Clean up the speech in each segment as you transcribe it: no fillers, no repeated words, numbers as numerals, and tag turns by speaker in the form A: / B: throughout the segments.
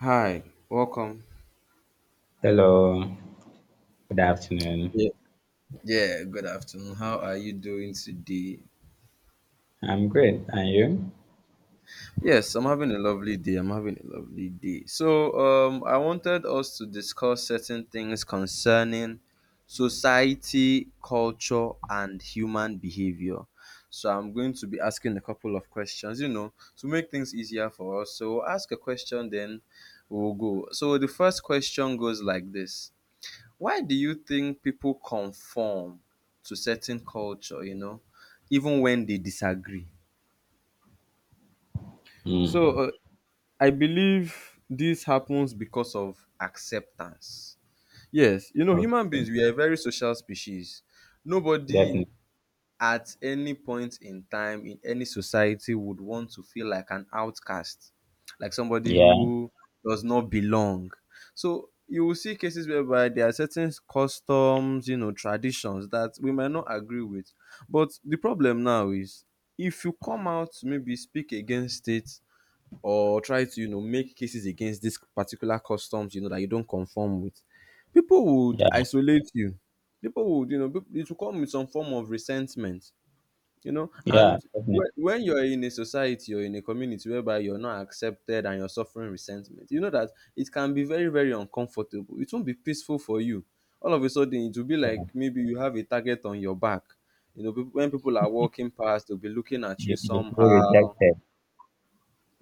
A: Hi, welcome.
B: Hello, good afternoon.
A: Yeah, yeah, good afternoon. How are you doing today?
B: I'm great. And you?
A: Yes, I'm having a lovely day. I'm having a lovely day. I wanted us to discuss certain things concerning society, culture, and human behavior. So, I'm going to be asking a couple of questions, you know, to make things easier for us. So, ask a question, then we'll go. So, the first question goes like this. Why do you think people conform to certain culture, you know, even when they disagree? So
B: Hmm.
A: uh, I believe this happens because of acceptance. Yes, you know, human
B: Okay.
A: beings, we are a very social species. Nobody
B: Definitely.
A: at any point in time in any society would want to feel like an outcast, like somebody
B: Yeah.
A: who does not belong. So you will see cases whereby there are certain customs, you know, traditions that we might not agree with. But the problem now is, if you come out to maybe speak against it or try to, you know, make cases against this particular customs, you know, that you don't conform with, people would
B: Yeah.
A: isolate you. People would, you know, it will come with some form of resentment, you know,
B: Yeah.
A: and
B: Definitely.
A: when you're in a society or in a community whereby you're not accepted and you're suffering resentment, you know that it can be very uncomfortable. It won't be peaceful for you. All of a sudden, it will be like maybe you have a target on your back. You know, when people are walking past, they'll be looking at you
B: You feel
A: somehow.
B: rejected.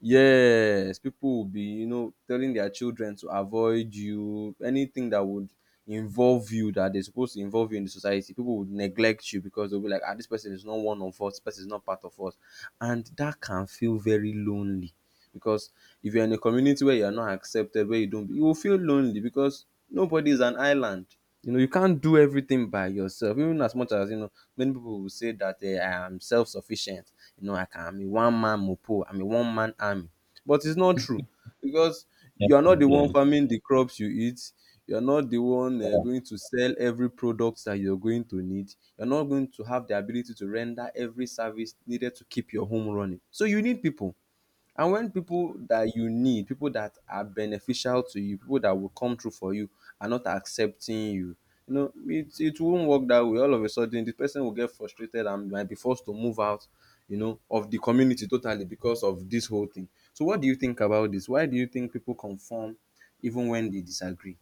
A: Yes, people will be, you know, telling their children to avoid you, anything that would involve you, that they're supposed to involve you in the society. People would neglect you because they'll be like, ah, this person is not one of us, this person is not part of us. And that can feel very lonely because if you're in a community where you're not accepted, where you don't, you will feel lonely, because nobody is an island. You know, you can't do everything by yourself, even as much as you know many people will say that, eh, I am self-sufficient, you know, I'm a one-man mopo, I'm a one-man army. But it's not true, because you're not the one
B: Definitely.
A: farming the crops you eat. You're not the one
B: Yeah.
A: going to sell every product that you're going to need. You're not going to have the ability to render every service needed to keep your home running. So you need people. And when people that you need, people that are beneficial to you, people that will come through for you, are not accepting you, you know, it won't work that way. All of a sudden, the person will get frustrated and might be forced to move out, you know, of the community totally because of this whole thing. So what do you think about this? Why do you think people conform even when they disagree?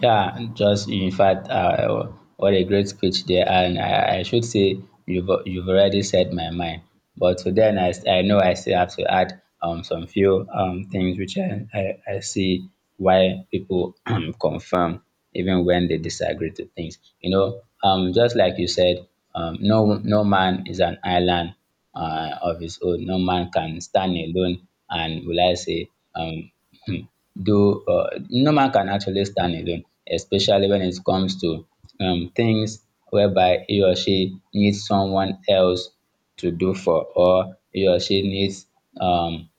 B: Yeah, just in fact, what a great speech there, and I should say you've already said my mind. But then I know I still have to add some few things which I see why people confirm even when they disagree to things. You know, just like you said, no no man is an island of his own. No man can stand alone and will I say, um, do no man can actually stand alone, especially when it comes to things whereby he or she needs someone else to do for, or he or she needs um,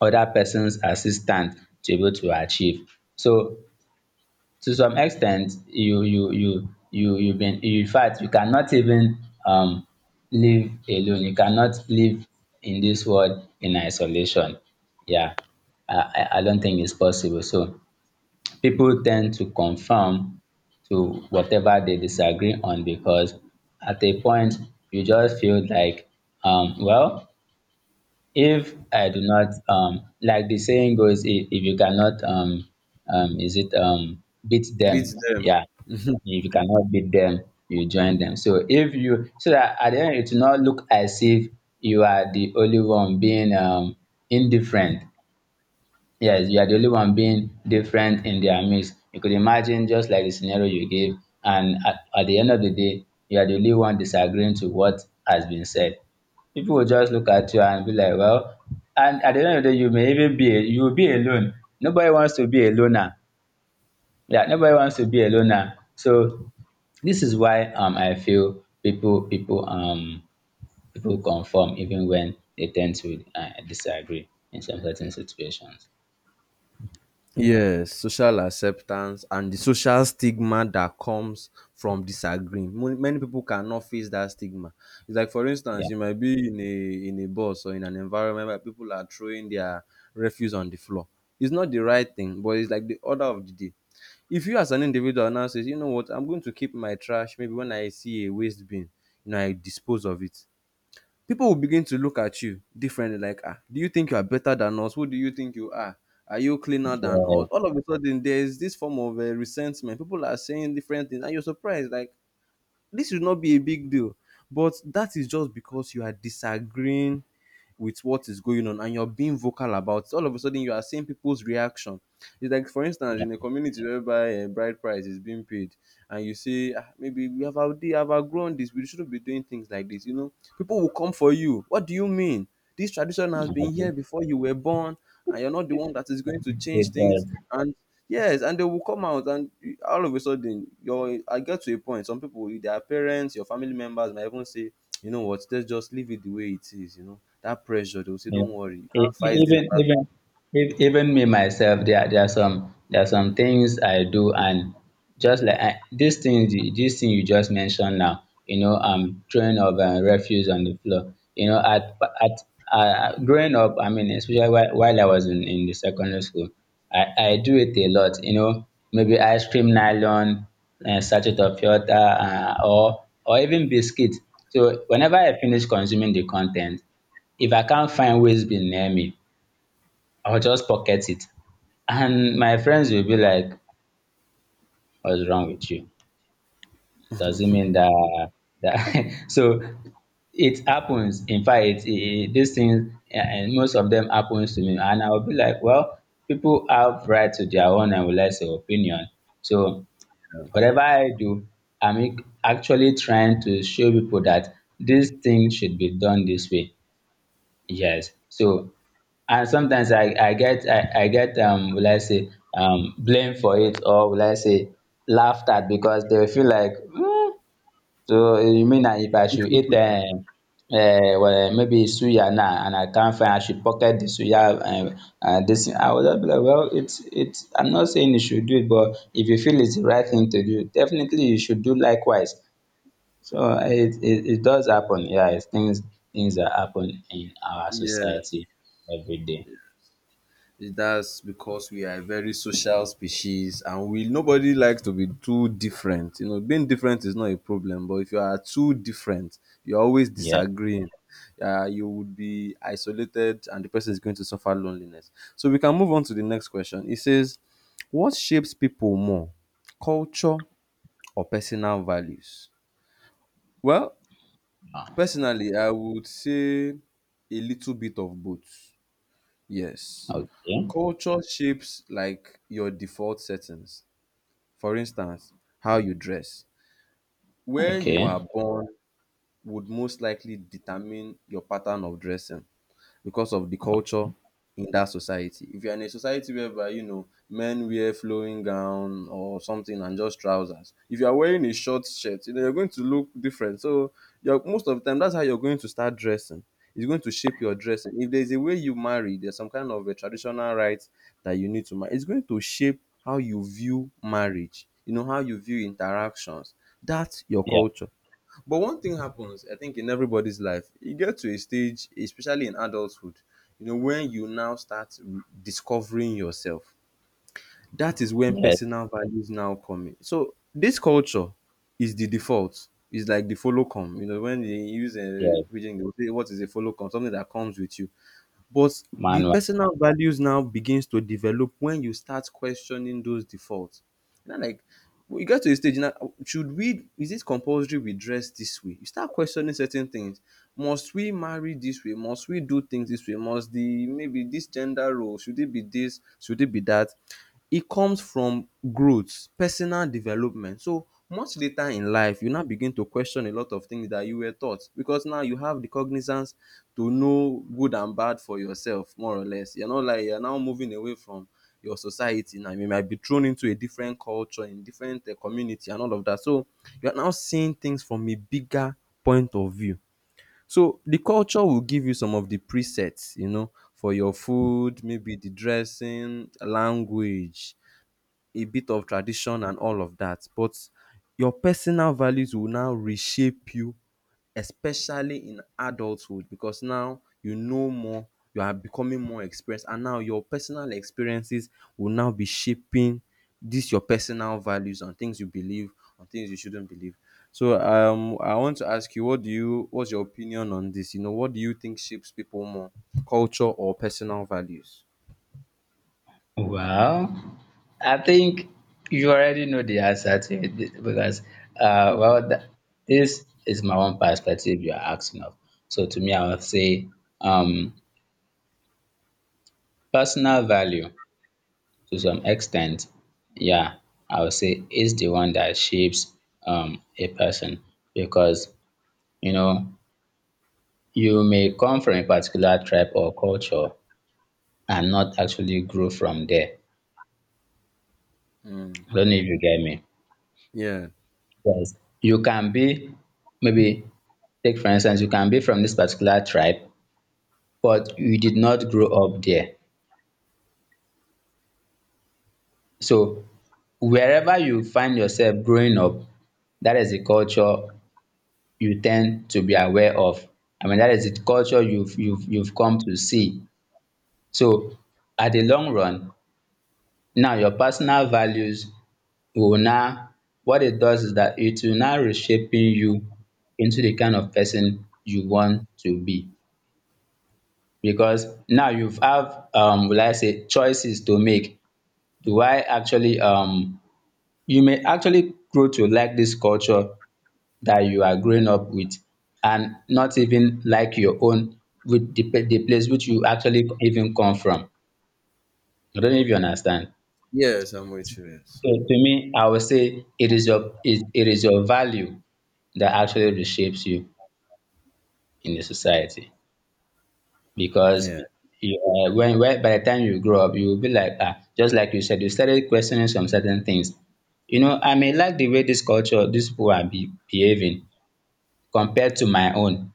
B: other person's assistance to be able to achieve. So to some extent you you you you you been in fact you cannot even live alone. You cannot live in this world in isolation. Yeah, I don't think it's possible. So people tend to conform to whatever they disagree on because at a point you just feel like well, if I do not like the saying goes, if you cannot is it beat them.
A: Beats them.
B: Yeah, if you cannot beat them, you join them. So if you so that at the end it will not look as if you are the only one being indifferent. Yes, you are the only one being different in their midst. You could imagine, just like the scenario you gave, and at the end of the day, you are the only one disagreeing to what has been said. People will just look at you and be like, well, and at the end of the day, you will be alone. Nobody wants to be a loner. Yeah, nobody wants to be a loner. So this is why I feel people conform even when they tend to disagree in some certain situations.
A: Yes, social acceptance and the social stigma that comes from disagreeing. Mo Many people cannot face that stigma. It's like, for instance,
B: Yeah.
A: you might be in a bus or in an environment where people are throwing their refuse on the floor. It's not the right thing, but it's like the order of the day. If you as an individual now says, you know what, I'm going to keep my trash, maybe when I see a waste bin, you know, I dispose of it. People will begin to look at you differently, like, ah, do you think you are better than us? Who do you think you are? Are you cleaner than us?
B: Yes.
A: All of a sudden there is this form of resentment. People are saying different things and you're surprised, like, this should not be a big deal. But that is just because you are disagreeing with what is going on and you're being vocal about it. All of a sudden you are seeing people's reaction. It's like, for instance,
B: Yeah,
A: in a community whereby a bride price is being paid, and you say, ah, maybe we have outgrown this, we shouldn't be doing things like this, you know, people will come for you. What do you mean? This tradition
B: I
A: has been here
B: agree
A: before you were born, and you're not the one that is going to change
B: with the.
A: things, and— Yes, and they will come out, and all of a sudden, your— I get to a point. Some people, their parents, your family members, might even say, "You know what? Let's just leave it the way it is." You know that pressure. They will say,
B: Yeah.
A: "Don't worry, you can't
B: E- e-
A: fight this
B: Even
A: battle."
B: even even me myself, there are some things I do, and just like this thing, this thing you just mentioned now, you know, throwing of refuse on the floor. You know, at growing up, I mean, while I was in the secondary school, I do it a lot. You know, maybe ice cream nylon, sachet of water, or even biscuit. So whenever I finish consuming the content, if I can't find waste bin near me, I'll just pocket it, and my friends will be like, what's wrong with you? Does it mean that so it happens. In fact, it, these things, and most of them happens to me, and I'll be like, well, people have right to their own and will less opinion. So whatever I do, i'm ac- actually trying to show people that this thing should be done this way. Yes. So and sometimes I get will I say blame for it, or will I say laughed at, because they will feel like, "Hmm, so eh, you mean that if I should eat well, maybe suya now, and I can't find I should pocket the suya and this thing." I would just be like, well, it's I'm not saying you should do it, but if you feel it's the right thing to do, definitely you should do likewise. So it does happen. Yeah, it's things, things that happen in our
A: Yes,
B: society every day.
A: that's because we are a very social species, and we— nobody likes to be too different. You know, being different is not a problem, but if you are too different, you're always
B: Yeah.
A: disagreeing. You would be isolated and the person is going to suffer loneliness. So we can move on to the next question. It says, what shapes people more, culture or personal values? Well, personally, I would say a little bit of both. Yes,
B: Okay.
A: culture shapes like your default settings. For instance, how you dress, where you
B: Okay.
A: are born, would most likely determine your pattern of dressing, because of the culture in that society. If you're in a society whereby, you know, men wear flowing gown or something and just trousers, if you're wearing a short shirt, you know, you're going to look different. So you're, most of the time, that's how you're going to start dressing. It's going to shape your dressing. If there's a way you marry, there's some kind of a traditional rite that you need to marry. It's going to shape how you view marriage, you know, how you view interactions. That's your
B: Yeah.
A: culture. But one thing happens, I think, in everybody's life. You get to a stage, especially in adulthood, you know, when you now start discovering yourself. That is when
B: Yes.
A: personal values now come in. So this culture is the default. It's like the follow come. You know, when they use a
B: Yes.
A: reading, they will say, "What is a follow come?" Something that comes with you. But the
B: Manual.
A: personal values now begins to develop when you start questioning those defaults now, like, we get to a stage now. Should we? Is it compulsory we dress this way? You start questioning certain things. Must we marry this way? Must we do things this way? Must the— maybe this gender role? Should it be this? Should it be that? It comes from growth, personal development. So much later in life, you now begin to question a lot of things that you were taught, because now you have the cognizance to know good and bad for yourself, more or less. You're not like— you're now moving away from your society. Now you might be thrown into a different culture, in different community and all of that. So you're now seeing things from a bigger point of view. So the culture will give you some of the presets, you know, for your food, maybe the dressing, language, a bit of tradition and all of that, but your personal values will now reshape you, especially in adulthood, because now you know more, you are becoming more experienced, and now your personal experiences will now be shaping this your personal values on things you believe, on things you shouldn't believe. So I want to ask you, what's your opinion on this? You know, what do you think shapes people more, culture or personal values?
B: Well, I think you already know the answer to it, because, uh, well, th- this is my own perspective you are asking of. So to me, I would say, um, personal value, to some extent, yeah, I would say is the one that shapes a person, because you know, you may come from a particular tribe or culture and not actually grow from there.
A: Mm.
B: I don't know if you get me.
A: Yeah.
B: Yes. You can be, maybe, take for instance, you can be from this particular tribe, but you did not grow up there. So wherever you find yourself growing up, that is the culture you tend to be aware of. I mean, that is the culture you've come to see. So at the long run, now your personal values will now, what it does is that it will now reshaping you into the kind of person you want to be, because now you have will I say choices to make. Do I actually You may actually grow to like this culture that you are growing up with and not even like your own, with the, the place which you actually even come from. I don't know if you understand.
A: Yes, I'm with you. Yes.
B: So to me, I would say it is your, it is your value that actually reshapes you in the society, because
A: Yeah.
B: you, when by the time you grow up, you will be like, ah, just like you said, you started questioning some certain things. You know, I may like the way this culture, these people behaving compared to my own.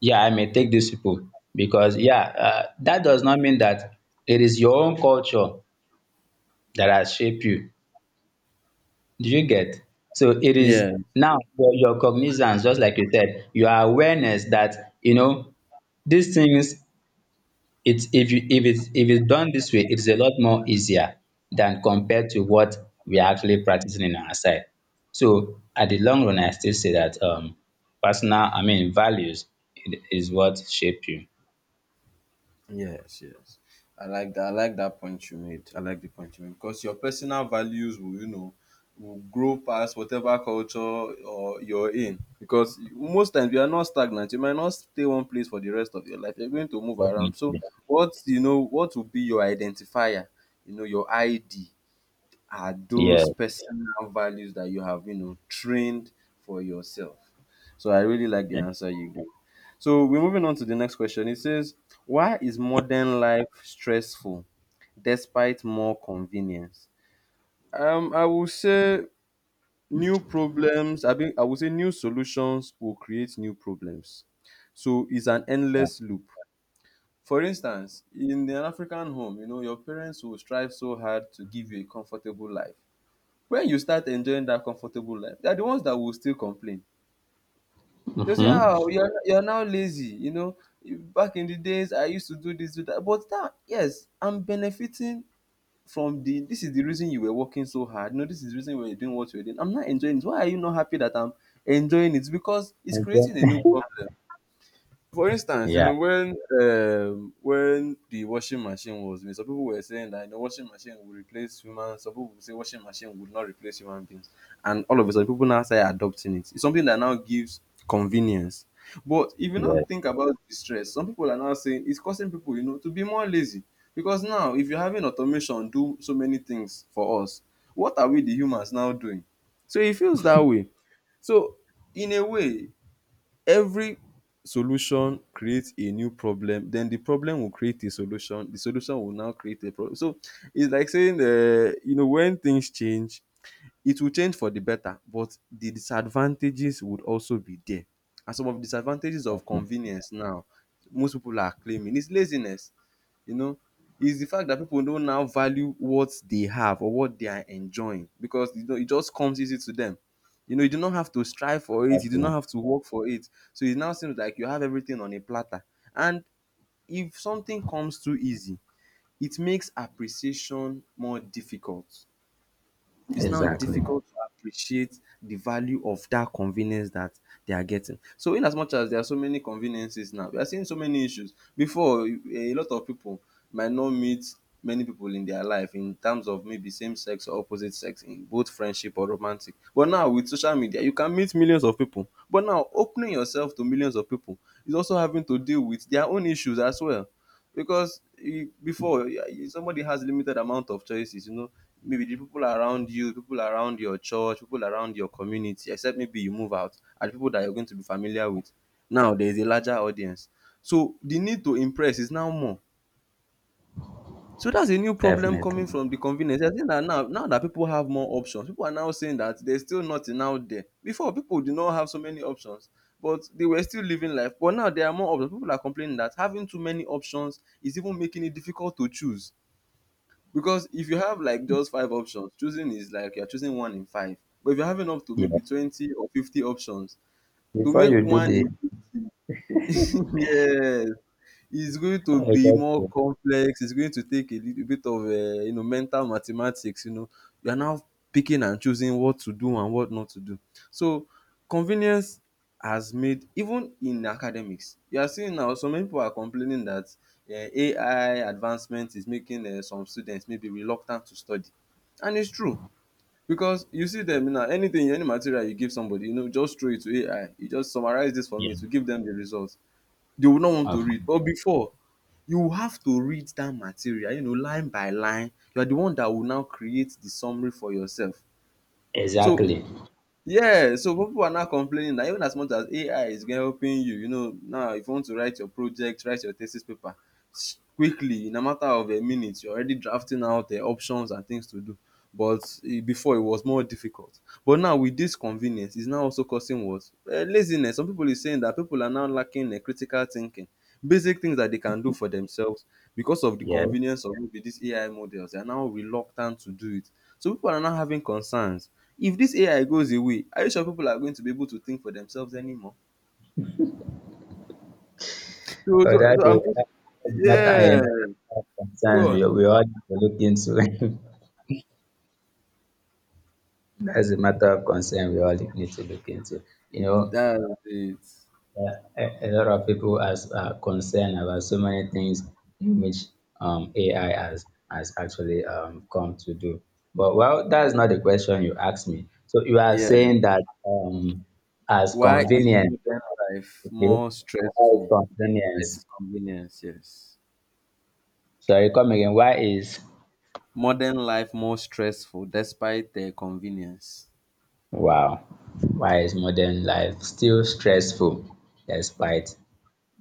B: Yeah, I may take these people because, yeah, that does not mean that it is your own culture that has shaped you. Do you get? So it is
A: Yeah.
B: now your cognizance, just like you said, your awareness that, you know, these things, it's if you if it's done this way, it's a lot more easier than compared to what we're actually practicing in our side. So at the long run, I still say that personal, I mean values I- is what shape you.
A: Yes, yes. I like that. I like that point you made. I like the point you made because your personal values will, you know, will grow past whatever culture or you're in. Because most times you are not stagnant. You might not stay one place for the rest of your life. You're going to move around.
B: Definitely.
A: So what— you know, what will be your identifier? You know, your ID are
B: Yeah.
A: those personal values that you have, you know, trained for yourself. So I really like the
B: Yeah.
A: answer you gave. So we're moving on to the next question. It says, why is modern life stressful despite more convenience? I will say new problems— mean, I will say new solutions will create new problems. So it's an endless loop. For instance, in an African home, you know, your parents will strive so hard to give you a comfortable life. When you start enjoying that comfortable life, they are the ones that will still complain. They'll say, "Ah, oh,
B: Mm-hmm.
A: you're now lazy." You know, back in the days, I used to do this, do that. But now, yes, I'm benefiting from the— this is the reason you were working so hard. No, this is the reason you were doing what you were doing. I'm not enjoying it. Why are you not happy that I'm enjoying it? Because it's creating a new problem. For instance,
B: Yeah.
A: when the washing machine was made, some people were saying that the washing machine would replace humans. Some people would say washing machine would not replace human beings, and all of a sudden, people now start adopting it. It's something that now gives convenience. But if you now
B: Yeah.
A: think about the stress, some people are now saying it's causing people, you know, to be more lazy, because now if you're having automation do so many things for us, what are we the humans now doing? So it feels that way. So in a way, every solution creates a new problem. Then the problem will create a solution, the solution will now create a problem. So it's like saying you know, when things change, it will change for the better, but the disadvantages would also be there. And some of the disadvantages of convenience now, most people are claiming is laziness. You know, is the fact that people don't now value what they have or what they are enjoying, because you know, it just comes easy to them. You know, you do not have to strive for it, you do not
B: Exactly.
A: have to work for it. So it now seems like you have everything on a platter. And if something comes too easy, it makes appreciation more difficult. It's now
B: Exactly.
A: difficult to appreciate the value of that convenience that they are getting. So, in as much as there are so many conveniences now, we are seeing so many issues. Before, a lot of people might not meet many people in their life in terms of maybe same sex or opposite sex in both friendship or romantic. But now, with social media, you can meet millions of people. But now, opening yourself to millions of people is also having to deal with their own issues as well, because you, before somebody has limited amount of choices, you know, maybe the people around you, people around your church, people around your community, except maybe you move out, are the people that you're going to be familiar with. Now there is a larger audience, so the need to impress is now more. So that's a new problem coming
B: Definitely.
A: from the convenience. I think that now, now that people have more options, people are now saying that there's still nothing out there. Before, people did not have so many options, but they were still living life. But now there are more options. People are complaining that having too many options is even making it difficult to choose. Because if you have like just five options, choosing is like you're choosing one in five. But if you're having up to maybe
B: Yeah.
A: 20 or 50 options, to
B: Before
A: make
B: you do
A: one
B: the
A: in 50, yes, it's going to be more
B: exactly.
A: complex. It's going to take a little bit of, you know, mental mathematics, you know. You are now picking and choosing what to do and what not to do. So, convenience has made, even in academics, you are seeing now some people are complaining that AI advancement is making some students maybe reluctant to study. And it's true, because you see them now, anything, any material you give somebody, you know, just throw it to AI. You just summarize this for me, to give them the results. They will not want to
B: Of-.
A: read. But before, you have to read that material, you know, line by line. You are the one that will now create the summary for yourself. So
B: Exactly.
A: yes, so pipu are now complaining that even as much as AI is helping you, you know, now if you want to write your project, write your thesis paper quickly in a matter of a minute, you're already drafting out options and things to do. But e before, it was more difficult. But now with dis convenience is now also causing what? Laziness. Some pipu is saying that pipu are now lacking critical thinking. Basic things that they can do for themselves, because of the
B: Yeah.
A: convenience of maybe dis AI models, they are now reluctant to do it. So pipu are now having concerns. If this AI goes away, are you sure people are going to be able to think for themselves anymore? So
B: Oh,
A: so
B: that
A: so I'm
B: is,
A: just
B: that I
A: yeah,
B: am of
A: go
B: concerns
A: on.
B: we all need to look into. That's a matter of concern we all need to look into. You know,
A: That's it.
B: a lot of people as are concerned about so many things in which AI has actually come to do. But well, that's not the question you asked me. So you are
A: Yeah.
B: saying that as
A: Why is
B: convenient,
A: modern life
B: okay?
A: more
B: Why is
A: stressful
B: convenience?
A: despite convenience? Yes.
B: Sorry, come again. Why is.
A: Modern life more stressful despite the convenience.
B: Wow, why is modern life still stressful despite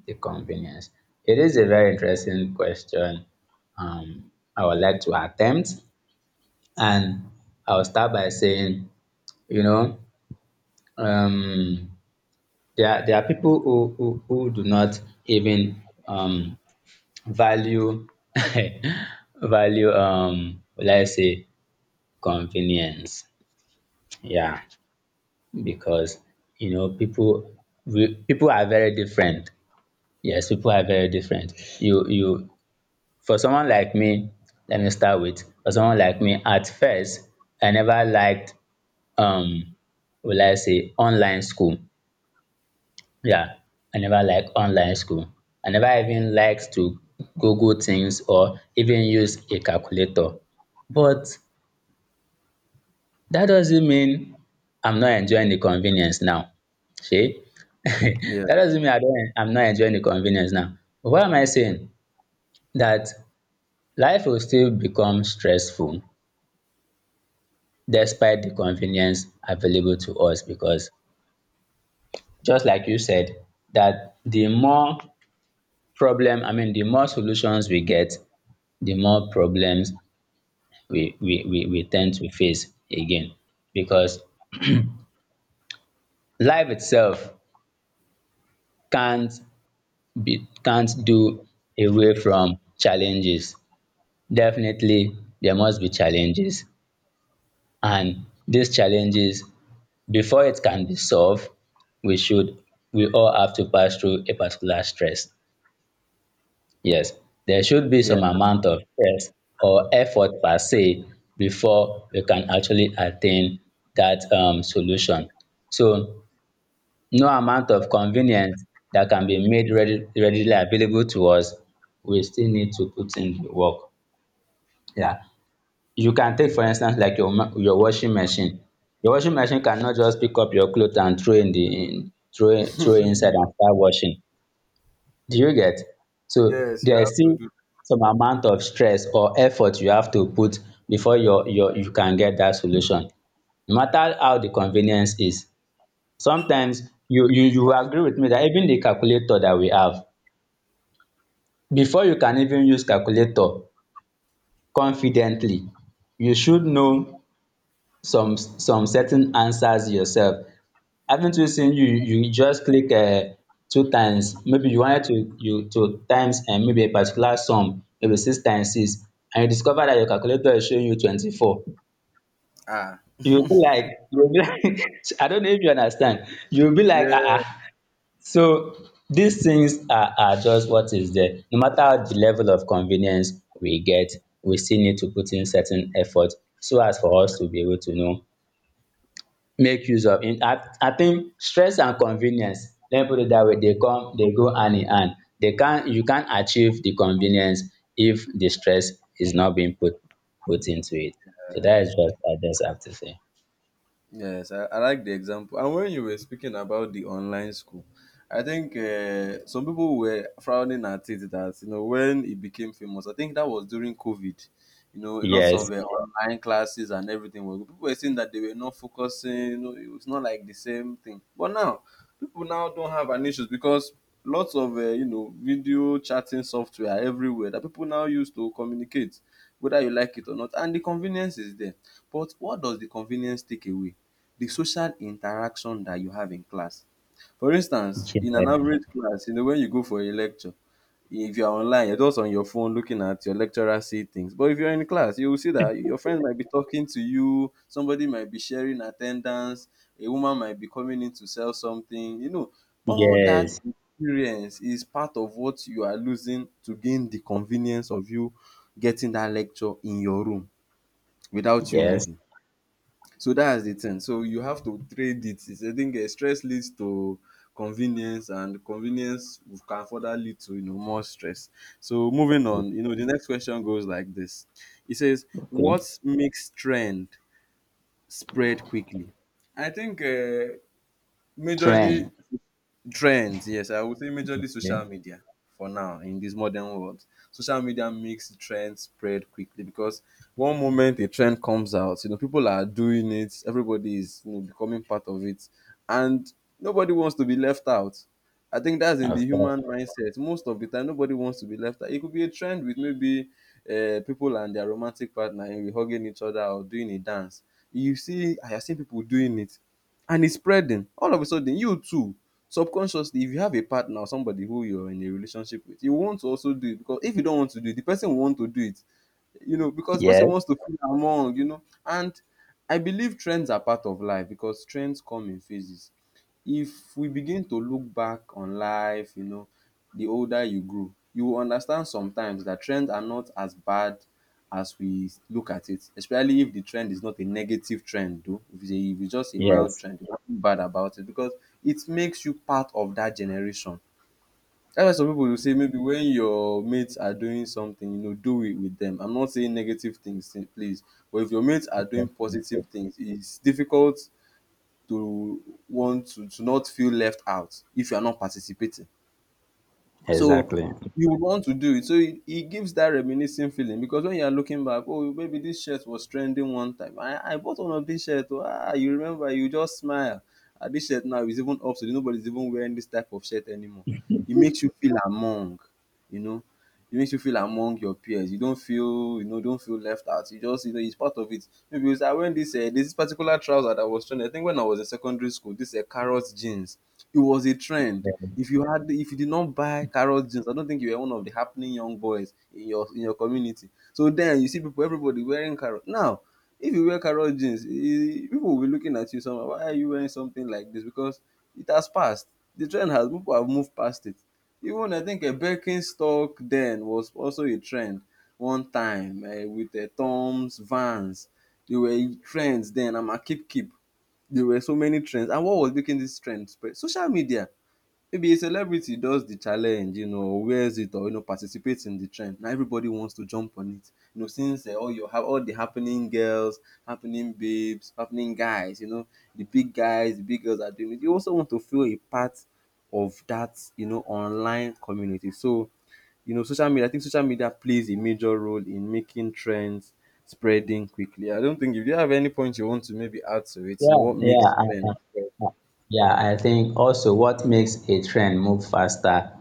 B: the convenience? It is a very interesting question. I would like to attempt, and I'll start by saying, you know, um, there are people who do not even value value, let's say, convenience. Yeah, because you know people, people are very different. Yes, people are very different. You For someone like me, let me start with for someone like me, at first, I never liked um, will I say online school. Yeah, I never liked online school. I never even liked to Google things or even use a calculator. But that doesn't mean I'm not enjoying the convenience now. See?
A: Yeah.
B: that doesn't mean I'm not enjoying the convenience now. But what am I saying? That life will still become stressful despite the convenience available to us because, just like you said, that the more problem, I mean, the more solutions we get, the more problems we tend to face again, because life itself can't be, can't do away from challenges. Definitely, there must be challenges. And these challenges, before it can be solved, we should, we all have to pass through a particular stress. Yes, there should be
A: Yeah.
B: some amount of stress or effort per se before we can actually attain that solution. So no amount of convenience that can be made readily available to us, we still need to put in the work. Yeah. You can take for instance like your washing machine. Your washing machine cannot just pick up your clothes and throw in throw it inside and start washing. Do you get? So
A: Yes, you
B: there
A: have
B: is
A: to
B: still
A: do.
B: some amount of stress or effort you have to put before you can get that solution. No matter how the convenience is, sometimes you will agree with me that even the calculator that we have, before you can even use calculator confidently, you should know some certain answers yourself. Haven't you seen, you just click, two times, maybe you wanted to, you to times, and maybe a particular sum, maybe six times six, and you discover that your calculator is showing you 24?
A: Ah.
B: You will be like, you will be like I don't know if you understand, you will be like, ah.
A: Yeah.
B: Ah. So these things are just what is there. No matter the level of convenience we get, we still need to put in certain effort so as for us to be able to make use of it. I think stress and convenience, let me put it that way, they come they go hand in hand. They can't You can't achieve the convenience if the stress is not being put into it. So that is what I just have to say.
A: Yes, I like the example. And when you were speaking about the online school, I think some people were frowning at it that, you know, when it became famous, I think that was during COVID. You know, lots
B: Yes,
A: of online classes and everything. People were saying that they were not focusing, you know, it was not like the same thing. But now, people now don't have an issues, because lots of, you know, video chatting software everywhere that people now use to communicate, whether you like it or not. And the convenience is there. But what does the convenience take away? The social interaction that you have in class. For instance,
B: yes,
A: in an average class, you know, when you go for a lecture, if you're online, you're just on your phone looking at your lecturer say things. But if you're in class, you will see that your friends might be talking to you, somebody might be sharing attendance, a woman might be coming in to sell something. You know, all that
B: yes,
A: experience is part of what you are losing to gain the convenience of you getting that lecture in your room without you
B: yes,
A: leaving. So that's the thing. So you have to trade it. It's, I think stress leads to convenience, and convenience can further lead to, you know, more stress. So moving on, you know, the next question goes like this. It says,
B: okay.
A: "What makes trend spread quickly?" I think majorly
B: Trend,
A: Trends, yes, I would say majorly
B: okay,
A: social media for now in this modern world. Social media makes trends spread quickly because one moment a trend comes out, you know, people are doing it, everybody is, you know, becoming part of it, and nobody wants to be left out. I think that's in the
B: of course.
A: human mindset. Most of the time, nobody wants to be left out. It could be a trend with maybe people and their romantic partner and hugging each other or doing a dance. You see, I have seen people doing it and it's spreading all of a sudden. You too, subconsciously, if you have a partner or somebody who you're in a relationship with, you want to also do it, because if you don't want to do it, the person will want to do it, you know, because person
B: Yes,
A: wants to feel among, you know. And I believe trends are part of life because trends come in phases. If we begin to look back on life, you know, the older you grow, you will understand sometimes that trends are not as bad as we look at it, especially if the trend is not a negative trend, though. If it's just a mild
B: yes,
A: trend, there's nothing bad about it, because it makes you part of that generation. That's why some pipu go say, maybe when your mates are doing something, you know, do it with dem. I'm not saying negative things eh, please, but if your mates are doing positive
B: definitely.
A: things, it's difficult to want to not feel left out if you are not participating. So
B: Exactly.
A: you would want to do it. So it gives that reminiscing feeling, because when you are looking back, oh, maybe this shirt was trending one time. I bought one of this shirt. Oh, ah, you remember, you just smile. Ah, this shirt now is even obsolete. Nobody's even wearing this type of shirt anymore. It makes you feel among, you know, it makes you feel among your peers. You don't feel, you know, don't feel left out. You just, you know, it's part of it. Maybe it's, I went this, this particular trouser that was trending. I think when I was in secondary school, this carrot jeans. It was a trend. If you did not buy carrot jeans, I don't think you were one of the happening young boys in your community. So then you see people everybody wearing carrot. Now, if you wear carrot jeans, eh, people will be looking at you somehow. Why are you wearing something like this? Because it has passed. The trend has people have moved past it. Even I think a Birkenstock then was also a trend one time with the Tom's Vans. They were trends then. I'm a keep there were so many trends, and what was making this trend spread, social media, maybe a celebrity does the challenge, you know, or wears it, or you know, participates in the trend. Now everybody wants to jump on it, you know, since all your all the happening girls, happening babes, happening guys, you know, the big guys, the big girls are doing it, you also want to feel a part of that, you know, online community. So you know, social media, I think social media plays a major role in making trends spreading quickly. I don't think, if you have any point you want to maybe add to it, you know,
B: Yeah,
A: what
B: yeah,
A: makes trends spread.
B: yeah. I think also what makes a trend move faster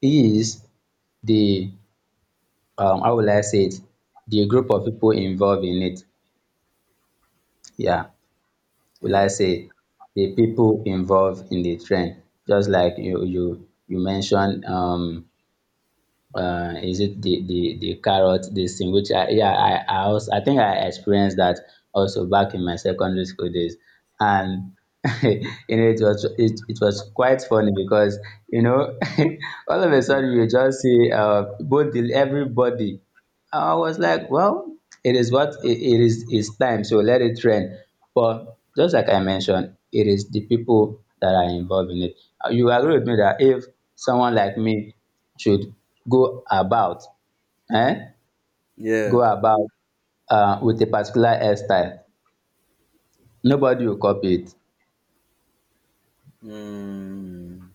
B: is the how will I say it? The group of people involved in it. Yeah, will I
A: Yeah.
B: say the people involved in the trend? Just like you mentioned. Is it the carrot this thing which I, yeah, I also I think I experienced that also back in my secondary school days and you know it was it was quite funny because you know all of a
A: Mhm.
B: sudden you just see both the everybody. I was like, well, it is it is, it's time, so let it rain. But just like I mentioned, it is the people that are involved in it. You agree with me that if someone like me should go about, eh, go
A: Yeah.
B: about with a particular hairstyle, nobody will copy it.
A: Mm.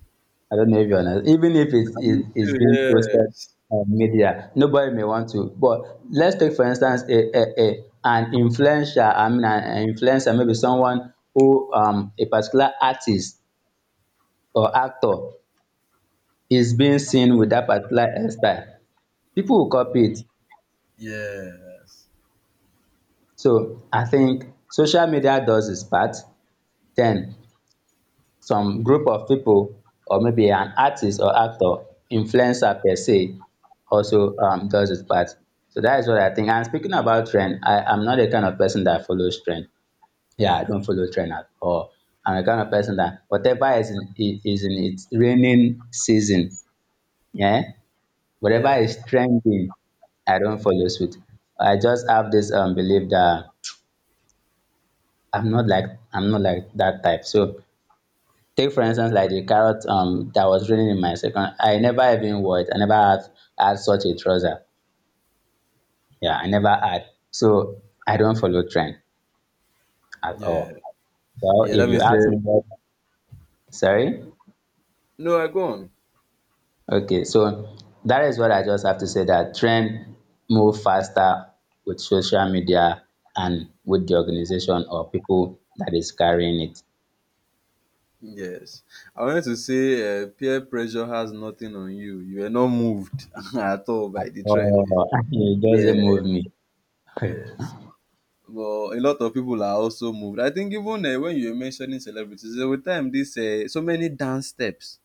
B: I don't know if you're honest. Even if
A: I'm with
B: it's
A: you,
B: being posted
A: yes.
B: on media, nobody may want to. But let's take, for instance, an influencer, I mean, an influencer, maybe someone who, a particular artist or actor is being seen with that particular hairstyle. People will copy it.
A: Yes.
B: So I think social media does its part. Then some group of people or maybe an artist or actor influencer per se also does its part. So that is what I think. And speaking about trend, I am not the kind of person that follows trend. Yeah, I don't follow trend at all. I'm the kind of person that whatever is in, is in its raining season, yeah, whatever
A: Yeah.
B: is trending, I don't follow suit. I just have this belief that i'm not like I'm not like that type. So take for instance like the carrot that was raining in my second, I never even wore it, I never had had such a trouser, yeah, I never had. So I don't follow trend at
A: Yeah.
B: all. Well,
A: Yeah,
B: if
A: that
B: you
A: means
B: ask me what, sorry.
A: no, I go on.
B: Okay, so that is what I just have to say, that trend move faster with social media and with the organization or people that is carrying it.
A: Yes. I wanted to say peer pressure has nothing on you. You are not moved at all by the trend.
B: Oh, it
A: Yeah.
B: doesn't move me.
A: Yes. But a lot of people are also moved. I think even when you were mentioning celebrities, there were time this so many dance steps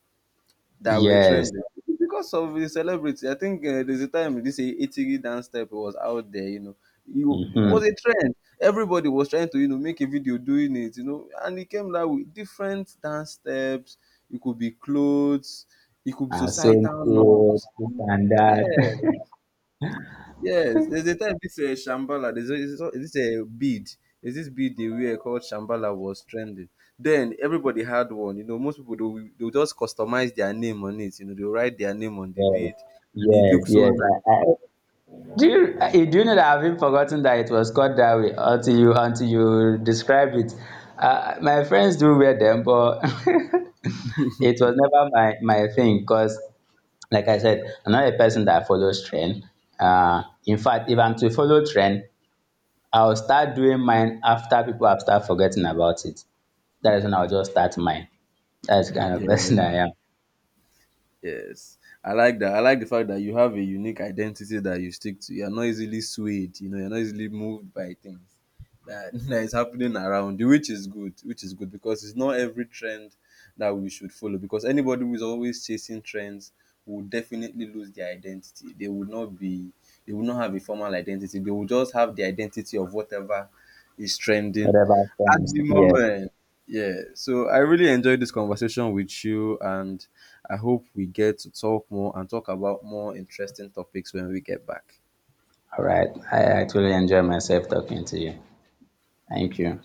A: that were
B: Yes.
A: trending because of the celebrity. I think there's a time this 80 dance step was out there. You know, you it was
B: Mhm.
A: a trend. Everybody was trying to, you know, make a video doing it. You know, and it came like with different dance steps. It could be clothes. It could be
B: Uh, swimming
A: societal
B: pool,
A: norms.
B: this and
A: Yeah,
B: that.
A: yes, there's a time this Shambhala, there's a, this a bead, there's this bead they wear called Shambhala was trending. Then everybody had one. You know, most people they will, just customize their name on it. You know, they will write their name on the
B: Yes,
A: bead, and it
B: yes,
A: looks so
B: yes.
A: nice.
B: I, I, do you, do you know that I've even forgotten that it was called that way until you describe it. My friends do wear them, but it was never my thing because, like I said, I'm not a person that follows trend. In fact, if I'm to follow trend, I'll start doing mine after people have started forgetting about it. That is when I'll just start mine. That's the kind of
A: Yeah,
B: person I am.
A: yes, I like that. I like the fact that you have a unique identity that you stick to. You're not easily swayed. You know, you're not easily moved by things that, that is happening around you, which is good. Which is good because it's not every trend that we should follow. Because anybody who is always chasing trends will definitely lose their identity. They will not be. They will not have a formal identity. They will just have the identity of whatever is trending
B: Whatever
A: at
B: comes,
A: the
B: yes.
A: moment. Yeah. So I really enjoyed this conversation with you, and I hope we get to talk more and talk about more interesting topics when we get back.
B: All right. I actually enjoy myself talking to you. Thank you.